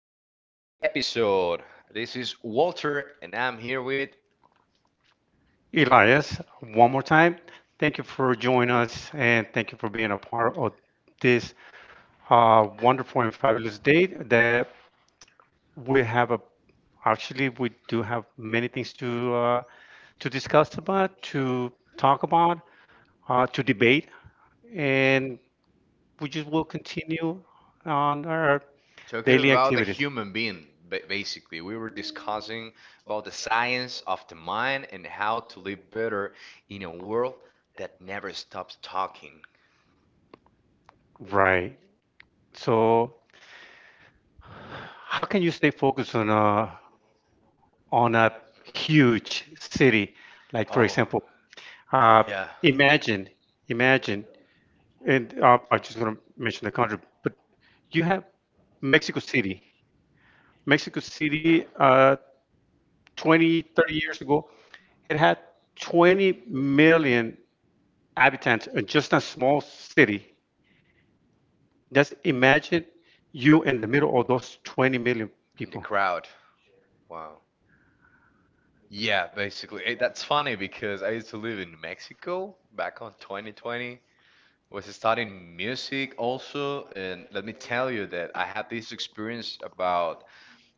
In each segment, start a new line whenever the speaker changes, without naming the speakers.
to this new episode. This is Walter, and I'm here with
Elias, one more time, thank you for joining us and thank you for being a part of this wonderful and fabulous day that we have. A Actually, we do have many things to discuss about, to talk about, to debate, and we just will continue on our
talking
daily
about the
activities.
human being. Basically, we were discussing about the science of the mind and how to live better in a world that never stops talking.
Right. So, how can you stay focused on a huge city, like for
Oh,
example. Uh,
yeah,
Imagine, imagine, and I'm just gonna mention the country, but you have Mexico City. Mexico City, 20, 30 years ago, it had 20 million inhabitants, just a small city. Just imagine you in the middle of those 20 million
in the
people
crowd. Wow. Yeah, basically. That's funny because I used to live in Mexico back on 2020. Was studying music also, and let me tell you that I had this experience about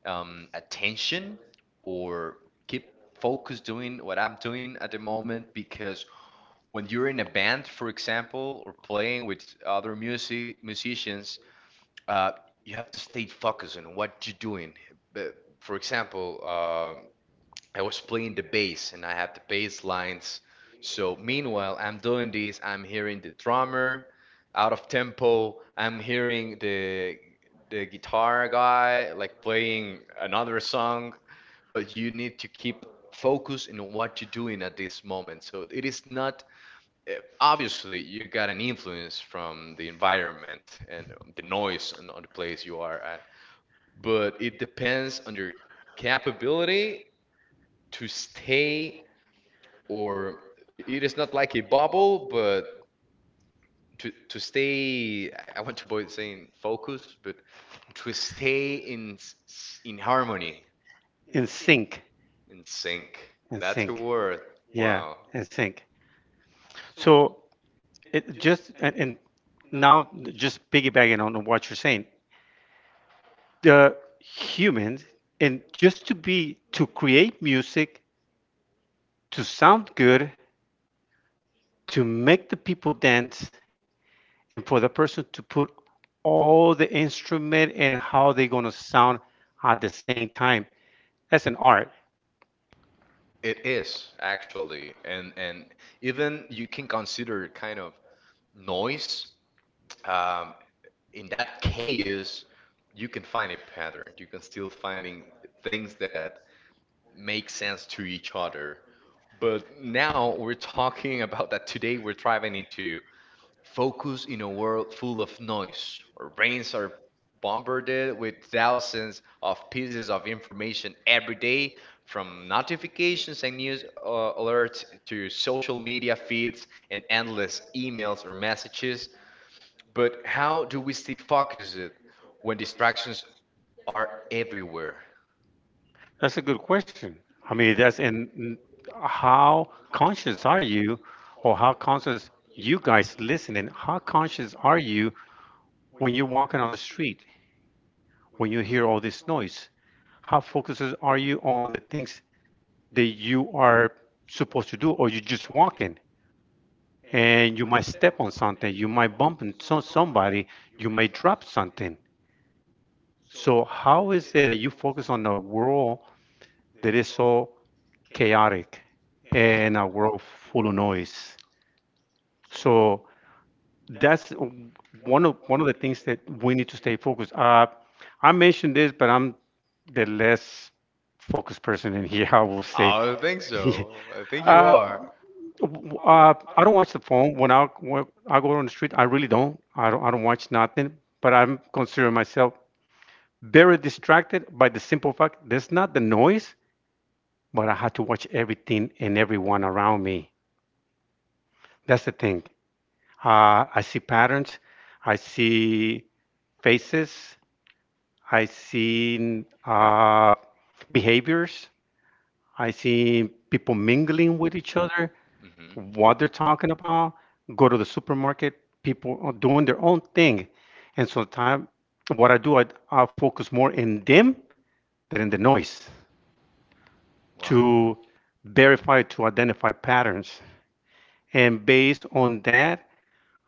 attention or keep focus doing what I'm doing at the moment because when you're in a band, for example, or playing with other music musicians, uh, you have to stay focused on what you're doing. But, for example, I was playing the bass and I have the bass lines. So meanwhile, I'm doing this, I'm hearing the drummer out of tempo, I'm hearing the guitar guy like playing another song, but you need to keep focused in what you're doing at this moment. So it is not obviously you got an influence from the environment and the noise on the place you are at, but it depends on your capability to stay or it is not like a bubble, but to stay, I want to avoid saying focus, but to stay in in harmony,
in sync,
in sync.
in
That's a
sync.
word.
Yeah,
Wow,
and think. So it just and now just piggybacking on what you're saying, the humans, and just to be, to create music, to sound good, to make the people dance, and for the person to put all the instrument and how they're going to sound at the same time, that's an art.
it is actually, and even you can consider kind of noise. Um, in that chaos, you can find a pattern. You can still finding things that make sense to each other. But now we're talking about that today we're driving into focus in a world full of noise. Our brains are bombarded with thousands of pieces of information every day, from notifications and news alerts to social media feeds and endless emails or messages. But how do we stay focused when distractions are everywhere?
That's a good question. I mean, that's, and how conscious are you, or how conscious you guys listening, how conscious are you when you're walking on the street, when you hear all this noise, how focused are you on the things that you are supposed to do, or you're just walking and you might step on something, you might bump into somebody, you might drop something. So, how is it that you focus on a world that is so chaotic and a world full of noise? So, that's one of the things that we need to stay focused. I mentioned this, but I'm the less focused person in here, I will say.
I don't think so. I think you
Uh,
are.
I don't watch the phone when I go on the street. I really don't. I don't. I don't watch nothing. But I'm considering myself very distracted by the simple fact there's not the noise, but I have to watch everything and everyone around me. That's the thing. I see patterns. I see faces. I see behaviors. I see people mingling with each other,
Hmm.
what they're talking about, go to the supermarket, people are doing their own thing. And sometimes what I do, I focus more in them than in the noise
Wow.
to verify, to identify patterns. And based on that,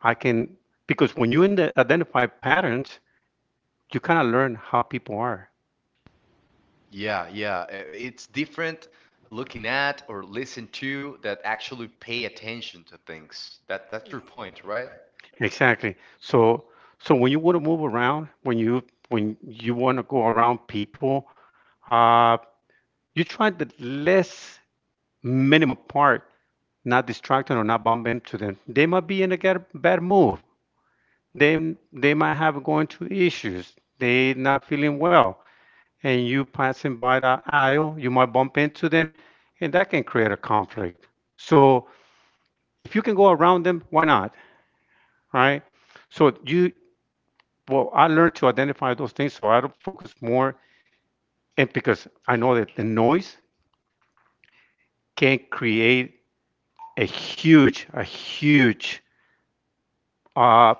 I can, because when you in the identify patterns, you kind of learn how people are.
Yeah, yeah. It's different looking at or listen to that actually pay attention to things. That that's your point, right?
Exactly. So, when you want to move around, when you want to go around people, uh, you try the less minimum part, not distracting or not bump into them. They might be in a bad move. They might have going through issues. They not feeling well, and you passing by the aisle, you might bump into them, and that can create a conflict. So if you can go around them, why not, right? So you well, I learned to identify those things, so I don't focus more, and because I know that the noise can create a huge uh,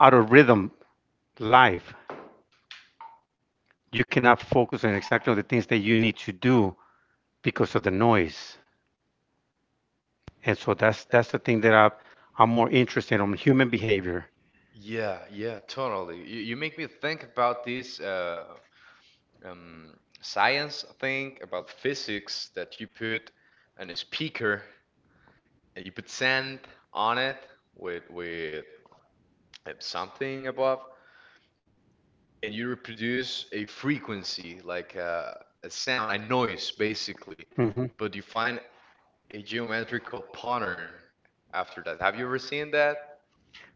out of rhythm life. You cannot focus on exactly on the things that you need to do because of the noise. And so that's the thing, that I'm more interested on human behavior.
Yeah, yeah, totally. You, make me think about this science thing about physics that you put on a speaker, and you put sand on it with something above, and you reproduce a frequency like a sound, a noise basically,
Hmm.
but you find a geometrical pattern after that. Have you ever seen that?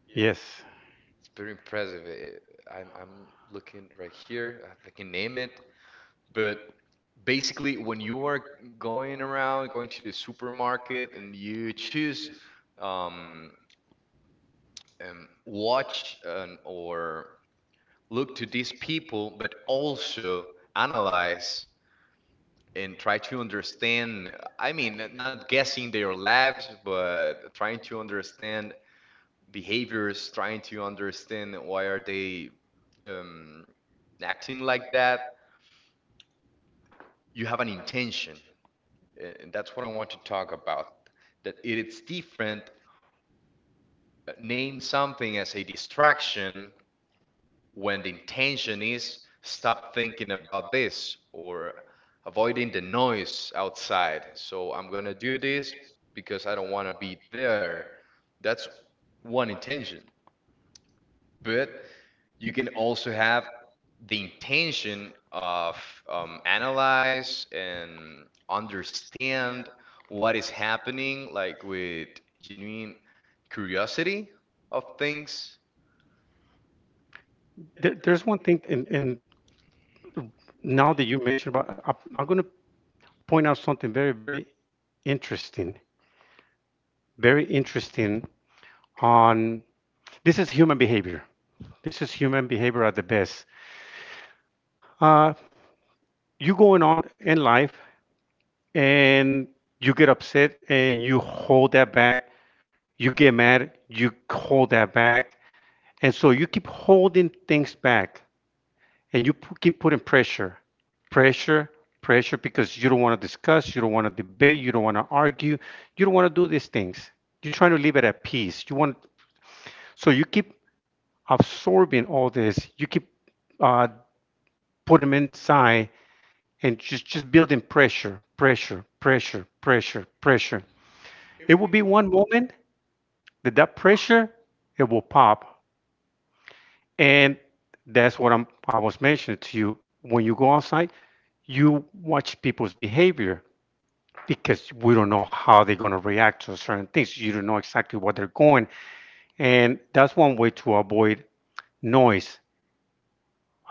Yes,
It's pretty impressive. It, I'm looking right here. I can name it, but basically, when you are going around, going to the supermarket, and you choose um, watch and, or look to these people, but also analyze and try to understand. I mean, not guessing their lives, but trying to understand behaviors, trying to understand why are they um, acting like that. You have an intention, and that's what I want to talk about. That it's different. Name something as a distraction when the intention is stop thinking about this or avoiding the noise outside. So I'm gonna do this because I don't want to be there. That's one intention. But you can also have the intention of analyze and understand what is happening, like with genuine curiosity of things.
there, there's one thing, and now that you mentioned about, I'm going to point out something very, interesting, very interesting on this is human behavior. This is human behavior at the best. Uh, you going on in life and you get upset and you hold that back, you get mad, you hold that back. And so you keep holding things back and you keep putting pressure, pressure, pressure because you don't want to discuss, you don't want to debate, you don't want to argue, you don't want to do these things. You're trying to leave it at peace. You want, so you keep absorbing all this. You keep uh, putting them inside and just building pressure, pressure, pressure, pressure, pressure. It will be one moment that that pressure it will pop. And that's what I'm, I was mentioning to you. When you go outside, you watch people's behavior because we don't know how they're going to react to certain things. You don't know exactly what they're going. And that's one way to avoid noise,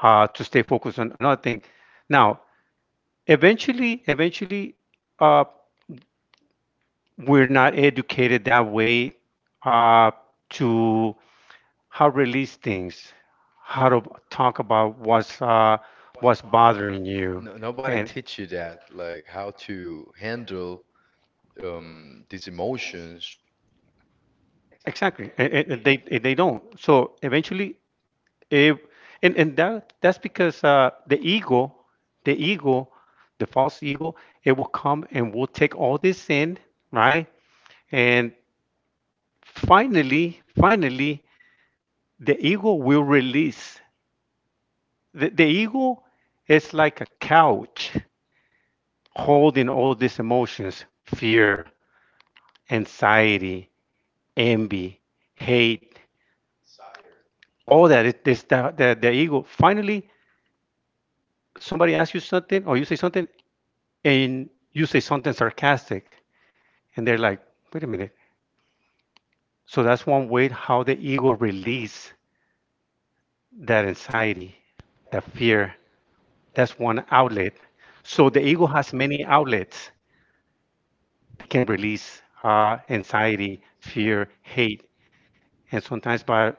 to stay focused on another thing. Now, eventually, eventually, uh, we're not educated that way uh, to how release things, how to talk about what's bothering you,
No, nobody
and
teach you that, like how to handle these emotions.
exactly, and, and they don't. So eventually, if and and that that's because the ego, the ego, the false ego, it will come and will take all this in, right? And finally, finally, the ego will release. The, ego is like a couch holding all these emotions, fear, anxiety, envy, hate, all that. It, it's the, the ego. Finally, somebody asks you something or you say something and you say something sarcastic and they're like, wait a minute. So that's one way how the ego release that anxiety, that fear. That's one outlet. So the ego has many outlets that can release anxiety, fear, hate, and sometimes by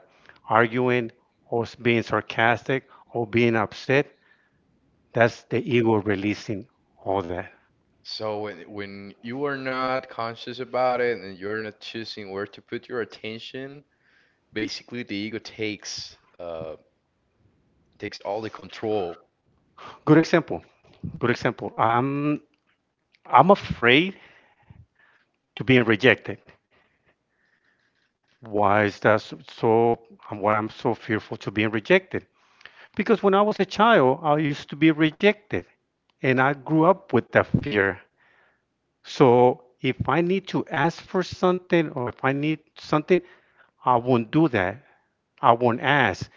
arguing or being sarcastic or being upset, that's the ego releasing all that.
So when you are not conscious about it and you are not choosing where to put your attention, basically the ego takes takes all the control
Good example. Good example. I'm afraid to being rejected. Why is that so? And why I'm so fearful to being rejected? Because when I was a child, I used to be rejected, and I grew up with that fear. So if I need to ask for something or if I need something, I won't do that. I won't ask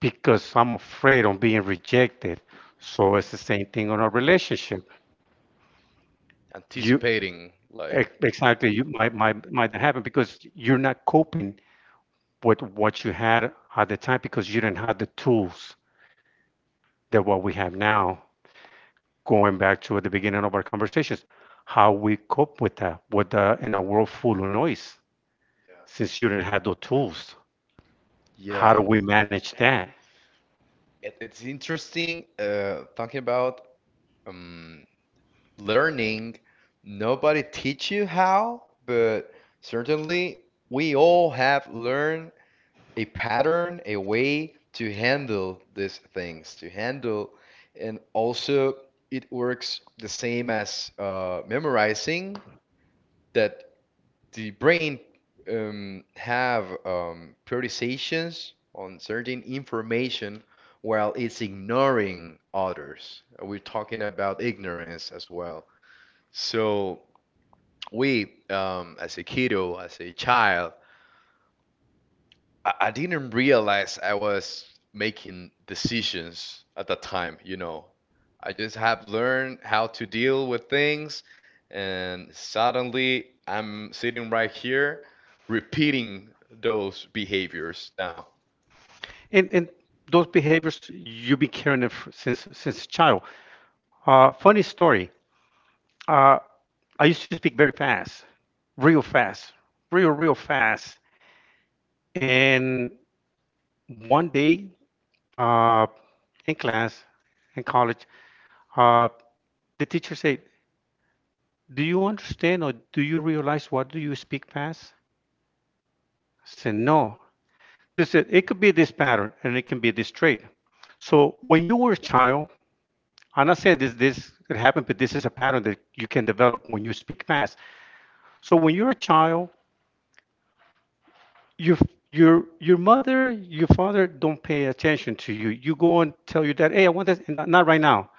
because I'm afraid of being rejected. So it's the same thing on a relationship. You
anticipating like
exactly, you might, might not happen because you're not coping with what you had at the time because you didn't have the tools that what we have now. Going back to at the beginning of our conversations, how we cope with that, with the, in a world full of noise, yeah, since you didn't have those tools.
yeah
How do we manage that?
it's interesting talking about um learning nobody teach you how but certainly we all have learned a pattern a way to handle these things to handle and also it works the same as memorizing that the brain have prioritizations on certain information while it's ignoring others. We're talking about ignorance as well. So we, as a kiddo, as a child, I didn't realize I was making decisions at the time, you know. I just have learned how to deal with things, and suddenly I'm sitting right here repeating those behaviors now.
And those behaviors you've been carrying it since child. Funny story. Uh, I used to speak very fast, real fast, real fast. And one day uh, in class, in college, Uh, the teacher said, "Do you understand or do you realize what do you speak past?" I said, "No." They said, "It could be this pattern and it can be this trait." So when you were a child, I'm not saying this could happen, but this is a pattern that you can develop when you speak fast. So when you're a child, your your your mother, your father don't pay attention to you. You go and tell your dad, "Hey, I want this," and not, not right now.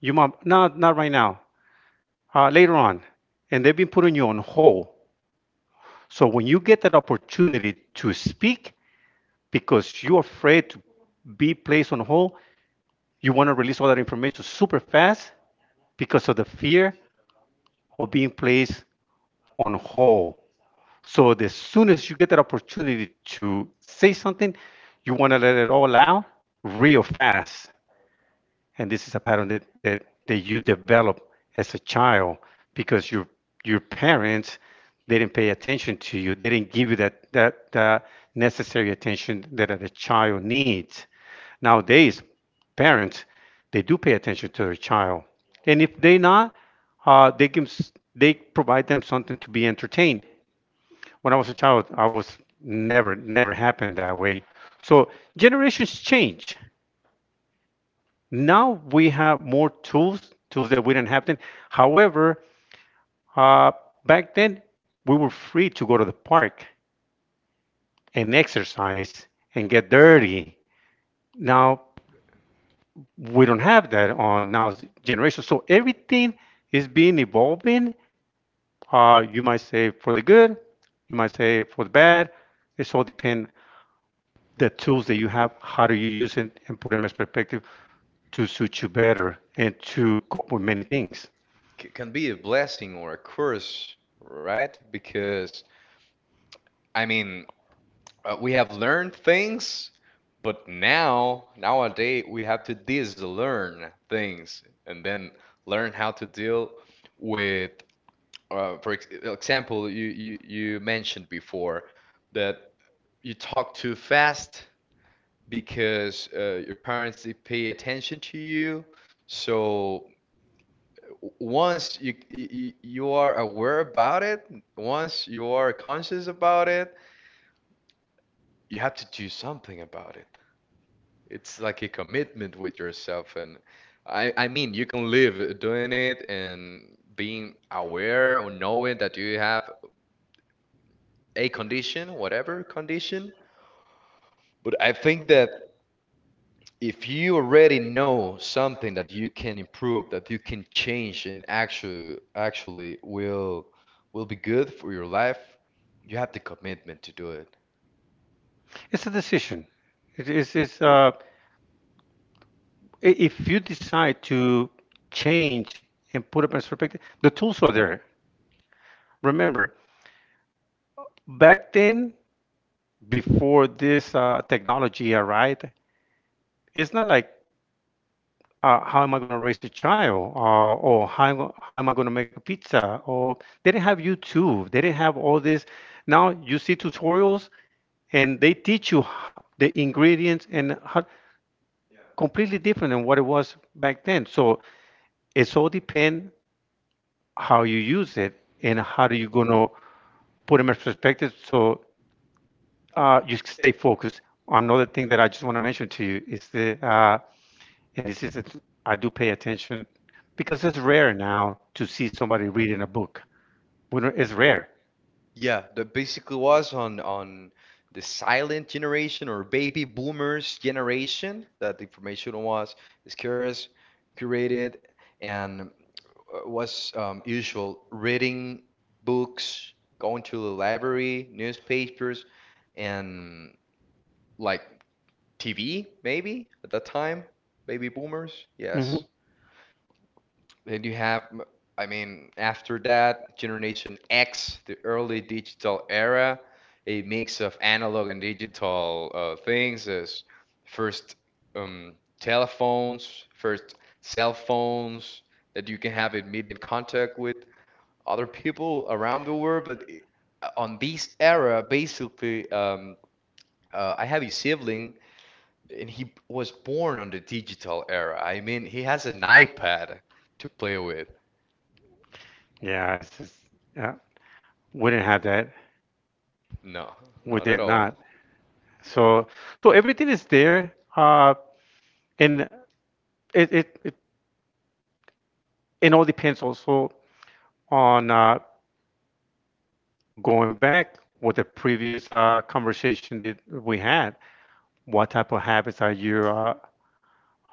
Your mom, not, not right now. Later on, and they've been putting you on hold. So when you get that opportunity to speak because you're afraid to be placed on hold, you want to release all that information super fast because of the fear of being placed on hold. So as soon as you get that opportunity to say something, you want to let it all out real fast, and this is a pattern that, that you develop as a child because your parents didn't pay attention to you. They didn't give you that that necessary attention that a child needs. Nowadays parents, they do pay attention to their child, and if they not, they give, they provide them something to be entertained. When I was a child, I was never, happened that way. So generations change. Now we have more tools, tools that we didn't have then. However, uh, back then we were free to go to the park and exercise and get dirty. Now we don't have that on now's generation. So everything is being evolving. You might say for the good, you might say for the bad. It's all depend the tools that you have, how do you use it and put them as perspective to suit you better and to cope with many things.
C can be a blessing or a curse, right? Because, I mean, we have learned things, but now nowadays we have to dislearn things and then learn how to deal with. For ex example, you mentioned before that you talk too fast because your parents they pay attention to you. So once you are aware about it, once you are conscious about it, you have to do something about it. It's like a commitment with yourself and I mean you can live doing it and being aware or knowing that you have a condition, whatever condition. But I think that if you already know something that you can improve, that you can change and actually will be good for your life, you have the commitment to do it.
It's a decision. It is it's, if you decide to change and put up a perspective, the tools are there. Remember, back then, before this technology arrived, it's not like how am I going to raise a child, or how am I going to make a pizza, or they didn't have YouTube, they didn't have all this. Now you see tutorials, and they teach you the ingredients and how, completely different than what it was back then. So it's all depend how you use it and how do you gonna put them in perspective so you stay focused. Another thing that I just want to mention to you is the and this is that I do pay attention because it's rare now to see somebody reading a book. We don't- It's rare.
Yeah, that basically was on the silent generation or baby boomers generation that the information was scarce, curated, and was usual reading books, going to the library, newspapers, and like TV maybe at that time, baby boomers.
Hmm.
Yes. Then you have, I mean, after that, Generation X, the early digital era, a mix of analog and digital things as first um, telephones, first cell phones that you can have immediate contact with other people around the world. But on this era, basically, I have a sibling and he was born on the digital era. I mean, he has an iPad to play with.
Yeah, it's just yeah, we didn't have that.
No,
We
not at
did
all.
not. So so everything is there, and it, it it it all depends also on going back with the previous conversation that we had, what type of habits are you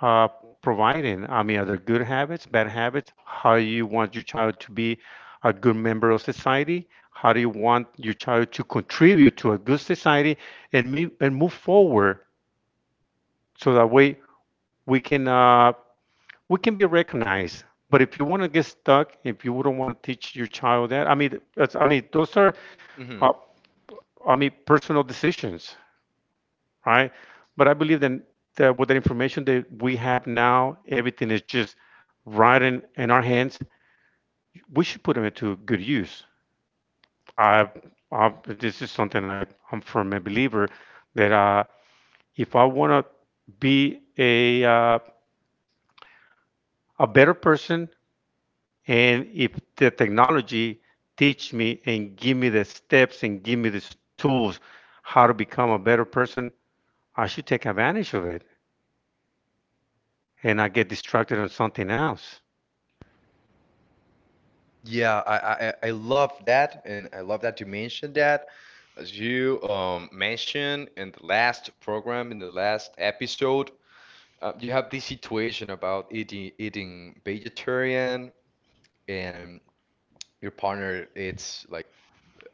uh, providing? I mean, are there good habits, bad habits? How you want your child to be a good member of society? How do you want your child to contribute to a good society and move forward so that way we can uh, we can be recognized. But if you want to get stuck, if you wouldn't want to teach your child that, I mean, that's, I mean, those are,
Hmm.
uh, I mean, personal decisions. Right? But I believe then that with the information that we have now, everything is just right in our hands. We should put them into good use. I, I this is something I'm firm a believer that if I want to be a better person, and if the technology teach me and give me the steps and give me the tools how to become a better person, I should take advantage of it and not get distracted on something else.
Yeah, I love that, and I love that you mentioned that. As you mentioned in the last program, in the last episode, you have this situation about eating vegetarian, and your partner it's like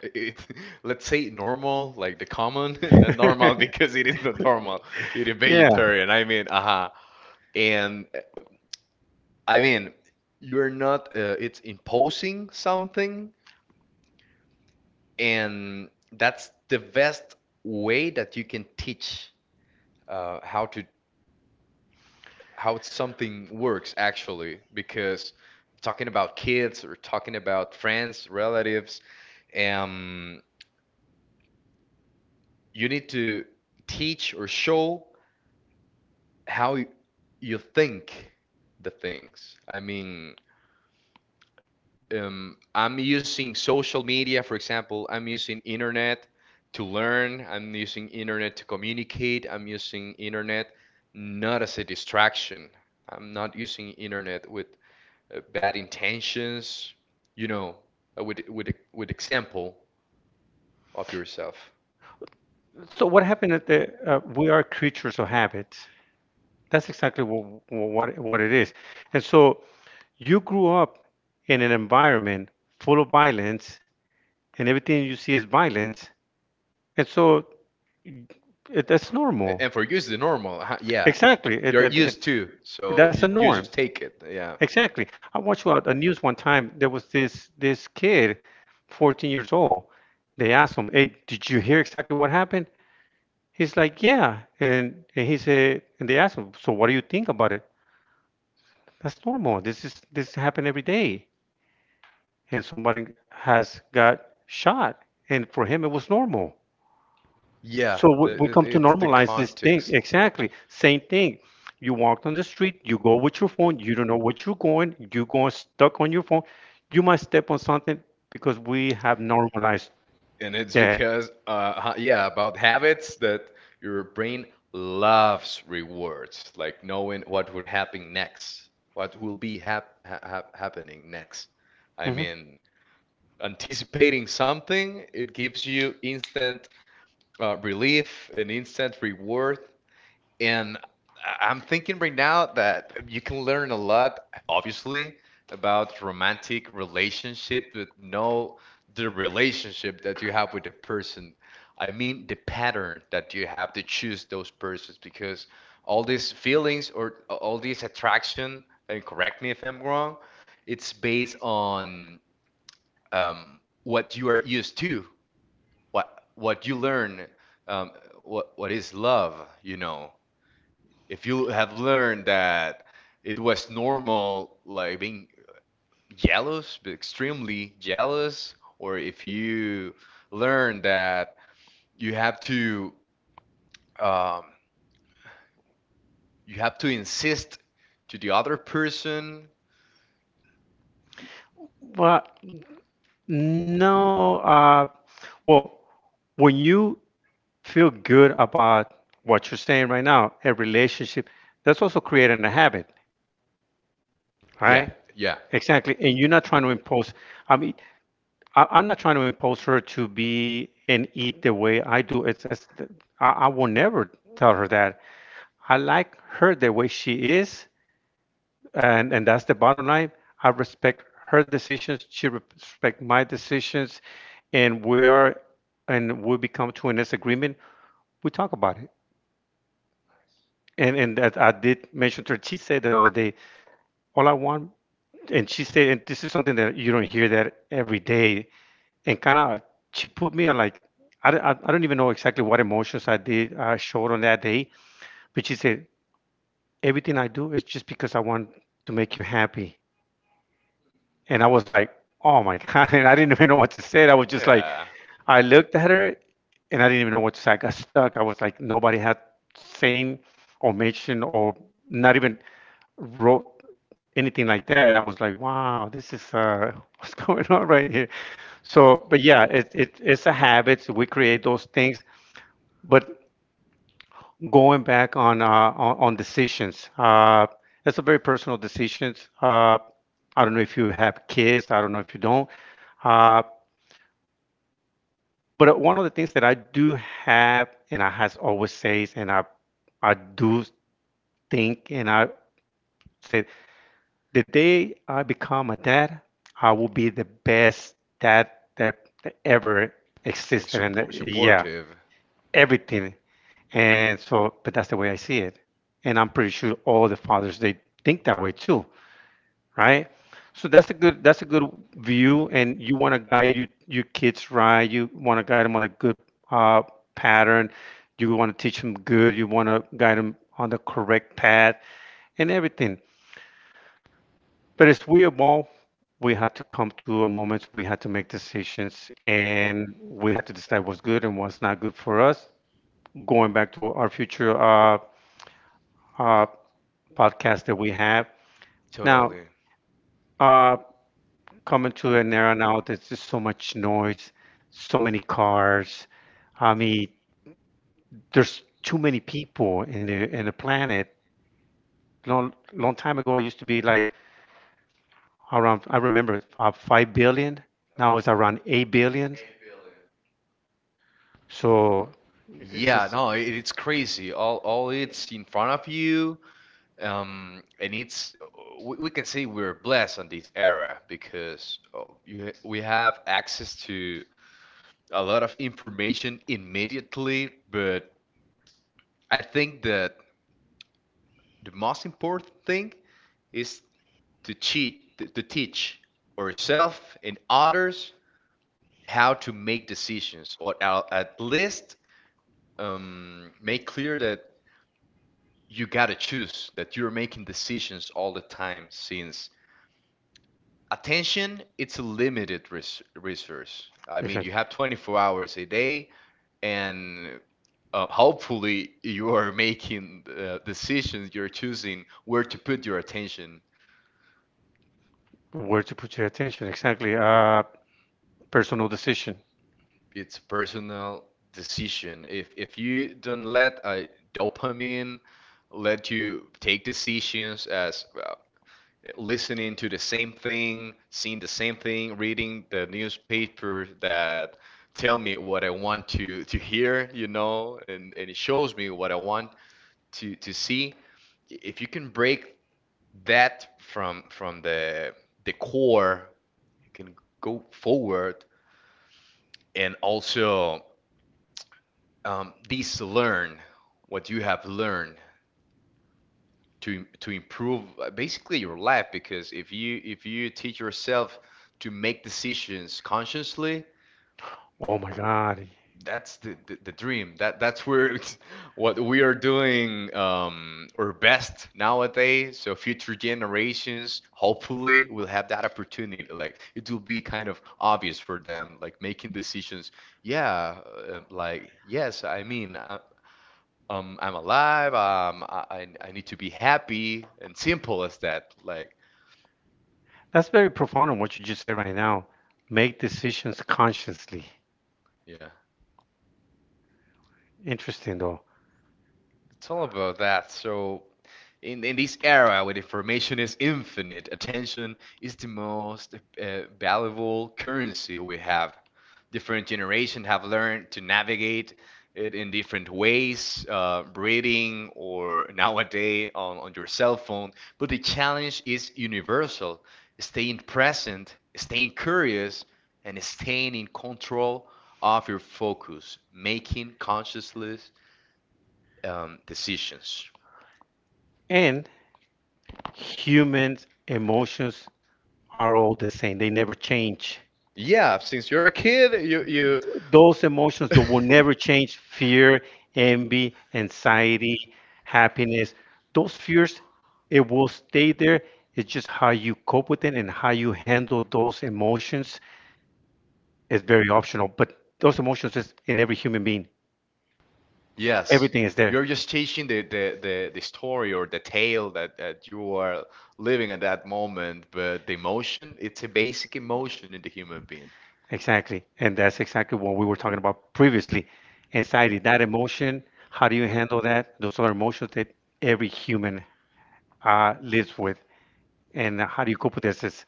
it, let's say normal, like the common, not normal because it is not normal eating
Yeah.
vegetarian. I mean, uh-huh. And I mean, you're not, it's imposing something, and that's the best way that you can teach how to how something works actually, because talking about kids or talking about friends, relatives, um, you need to teach or show how you think the things. I mean, I'm using social media, for example, I'm using internet to learn, I'm using internet to communicate, I'm using internet not as a distraction. I'm not using internet with bad intentions, you know, with with example of yourself.
So what happened at the we are creatures of habit. That's exactly what it is. And so you grew up in an environment full of violence, and everything you see is violence. And so it, that's normal.
And for you, it's the normal. Huh, yeah,
Exactly.
you're used to, so
That's a
you
norm.
just take it. Yeah,
Exactly. I watched a news one time. There was this kid, 14 years old. They asked him, "Hey, did you hear exactly what happened?" He's like, "Yeah." And he said, and they asked him, "So what do you think about it?" That's normal. This happen every day. And somebody has got shot, and for him it was normal.
yeah.
So we
The,
come to
it's the
normalize this thing.
context.
Exactly. Same thing. You walk on the street, you go with your phone, you don't know what you're going stuck on your phone. You might step on something because we have normalized
And it's
that.
because, yeah, about habits that your brain loves rewards, like knowing what would happen next, what will be hap ha ha happening next. I
Mhm.
mean, anticipating something, it gives you instant relief and instant reward. And I'm thinking right now that you can learn a lot, obviously, about romantic relationship, but know the relationship that you have with the person. I mean, the pattern that you have to choose those persons because all these feelings or all this attraction, and correct me if I'm wrong, it's based on what you are used to, what you learn, what is love, you know, if you have learned that it was normal, like being jealous, but extremely jealous, or if you learn that you have to um, you have to insist to the other person,
Well, no, well, when you feel good about what you're saying right now, a relationship, that's also creating a habit,
yeah,
right?
yeah,
Exactly. And you're not trying to impose. I mean, I'm not trying to impose her to be and eat the way I do. It's I will never tell her that. I like her the way she is, and that's the bottom line. I respect her decisions. She respect my decisions, and we are, and we become to a disagreement. We talk about it. And that I did mention to her. She said that the other day. All I want, and she said, and this is something that you don't hear that every day and kind of she put me on like I don't even know exactly what emotions I showed on that day, but she said everything I do is just because I want to make you happy, and I was like, oh my god, and I didn't even know what to say. I was just like,
yeah,
I looked at her, and I didn't even know what to say. I got stuck. I was like, nobody had seen or mentioned or not even wrote anything like that, and I was like, wow, this is what's going on right here. So, but yeah, it's a habit. So we create those things. But going back on on decisions, that's a very personal decisions. I don't know if you have kids. I don't know if you don't. Uh, but one of the things that I do have, and I has always says, and I do think, and I said, the day I become a dad, I will be the best dad that ever
like
existed. And yeah,
supportive,
everything. And so, but that's the way I see it. And I'm pretty sure all the fathers they think that way too, right? So that's a good view, and you want to guide your kids right. You want to guide them on a good uh, pattern. You want to teach them good. You want to guide them on the correct path and everything. But as we evolve, we had to come to a moment we had to make decisions, and we had to decide what's good and what's not good for us. Going back to our future uh, podcast that we have. Now,
totally.
uh, coming to an era now, there's just so much noise, so many cars. I mean, there's too many people in the planet. Long long time ago, it used to be like around. I remember 5 billion. Now it's around 8 billion. So it's
Yeah,
just
no, it's crazy. All it's in front of you. And it's we can say we're blessed on this era because oh, we have access to a lot of information immediately. But I think that the most important thing is to to teach ourselves and others how to make decisions, or at least make clear that you gotta choose, that you're making decisions all the time, since attention it's a limited resource I mean you
exactly
have 24 hours a day and hopefully you are making decisions you're choosing where to put your attention
where to put your attention. Exactly. Personal decision.
it's a personal decision if you don't let dopamine let you take decisions as listening to the same thing, seeing the same thing, reading the newspaper that tell me what I want to hear, you know, and it shows me what I want to see. If you can break that from the core, you can go forward and also this learn what you have learned to improve basically your life because if you teach yourself to make decisions consciously
Oh my God.
that's the dream that's where it's, what we are doing our best nowadays so future generations hopefully will have that opportunity like it will be kind of obvious for them like making decisions yeah like yes I mean I, I'm alive I need to be happy and simple as that like
That's very profound on what you just said right now. Make decisions consciously.
yeah,
Interesting though.
tell about that. So, in this era where information is infinite, attention is the most valuable currency we have. Different generations have learned to navigate it in different ways, reading or nowadays on your cell phone. But the challenge is universal: staying present, staying curious, and staying in control of your focus, making consciously decisions.
And humans' emotions are all the same. They never change.
Yeah, since you're a kid, you
Those emotions that will never change, fear, envy, anxiety, happiness, those fears, it will stay there. It's just how you cope with it and how you handle those emotions is very optional. But those emotions is in every human being.
Yes.
Everything is there.
You're just chasing the story or the tale that, you are living at that moment, but the emotion, it's a basic emotion in the human being.
Exactly. And that's exactly what we were talking about previously. Anxiety, that emotion, how do you handle that? Those are emotions that every human lives with. And how do you cope with this is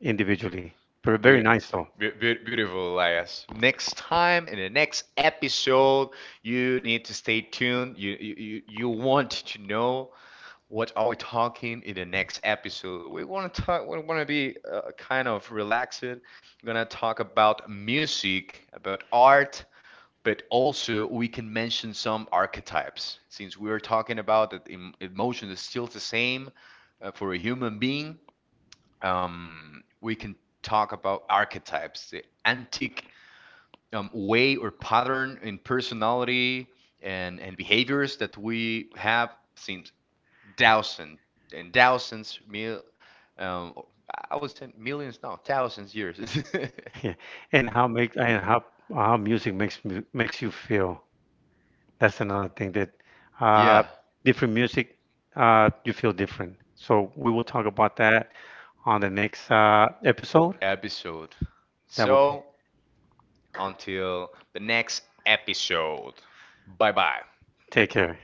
individually? But very
Beautiful.
nice though.
Beautiful, Elias. Next time in the next episode, you need to stay tuned. You want to know what are we talking in the next episode? We want to talk. We want to be kind of relaxed. We're gonna talk about music, about art, but also we can mention some archetypes since we are talking about that emotion is still the same for a human being we can talk about archetypes, the antique way or pattern in personality and behaviors that we have since thousands and thousands, um, I would say millions, no, thousands years.
Yeah. And how music makes you feel. That's another thing that uh,
yeah,
different music you feel different. So we will talk about that on the next episode.
episode.
That will be.
So until the next episode, bye bye.
Take care.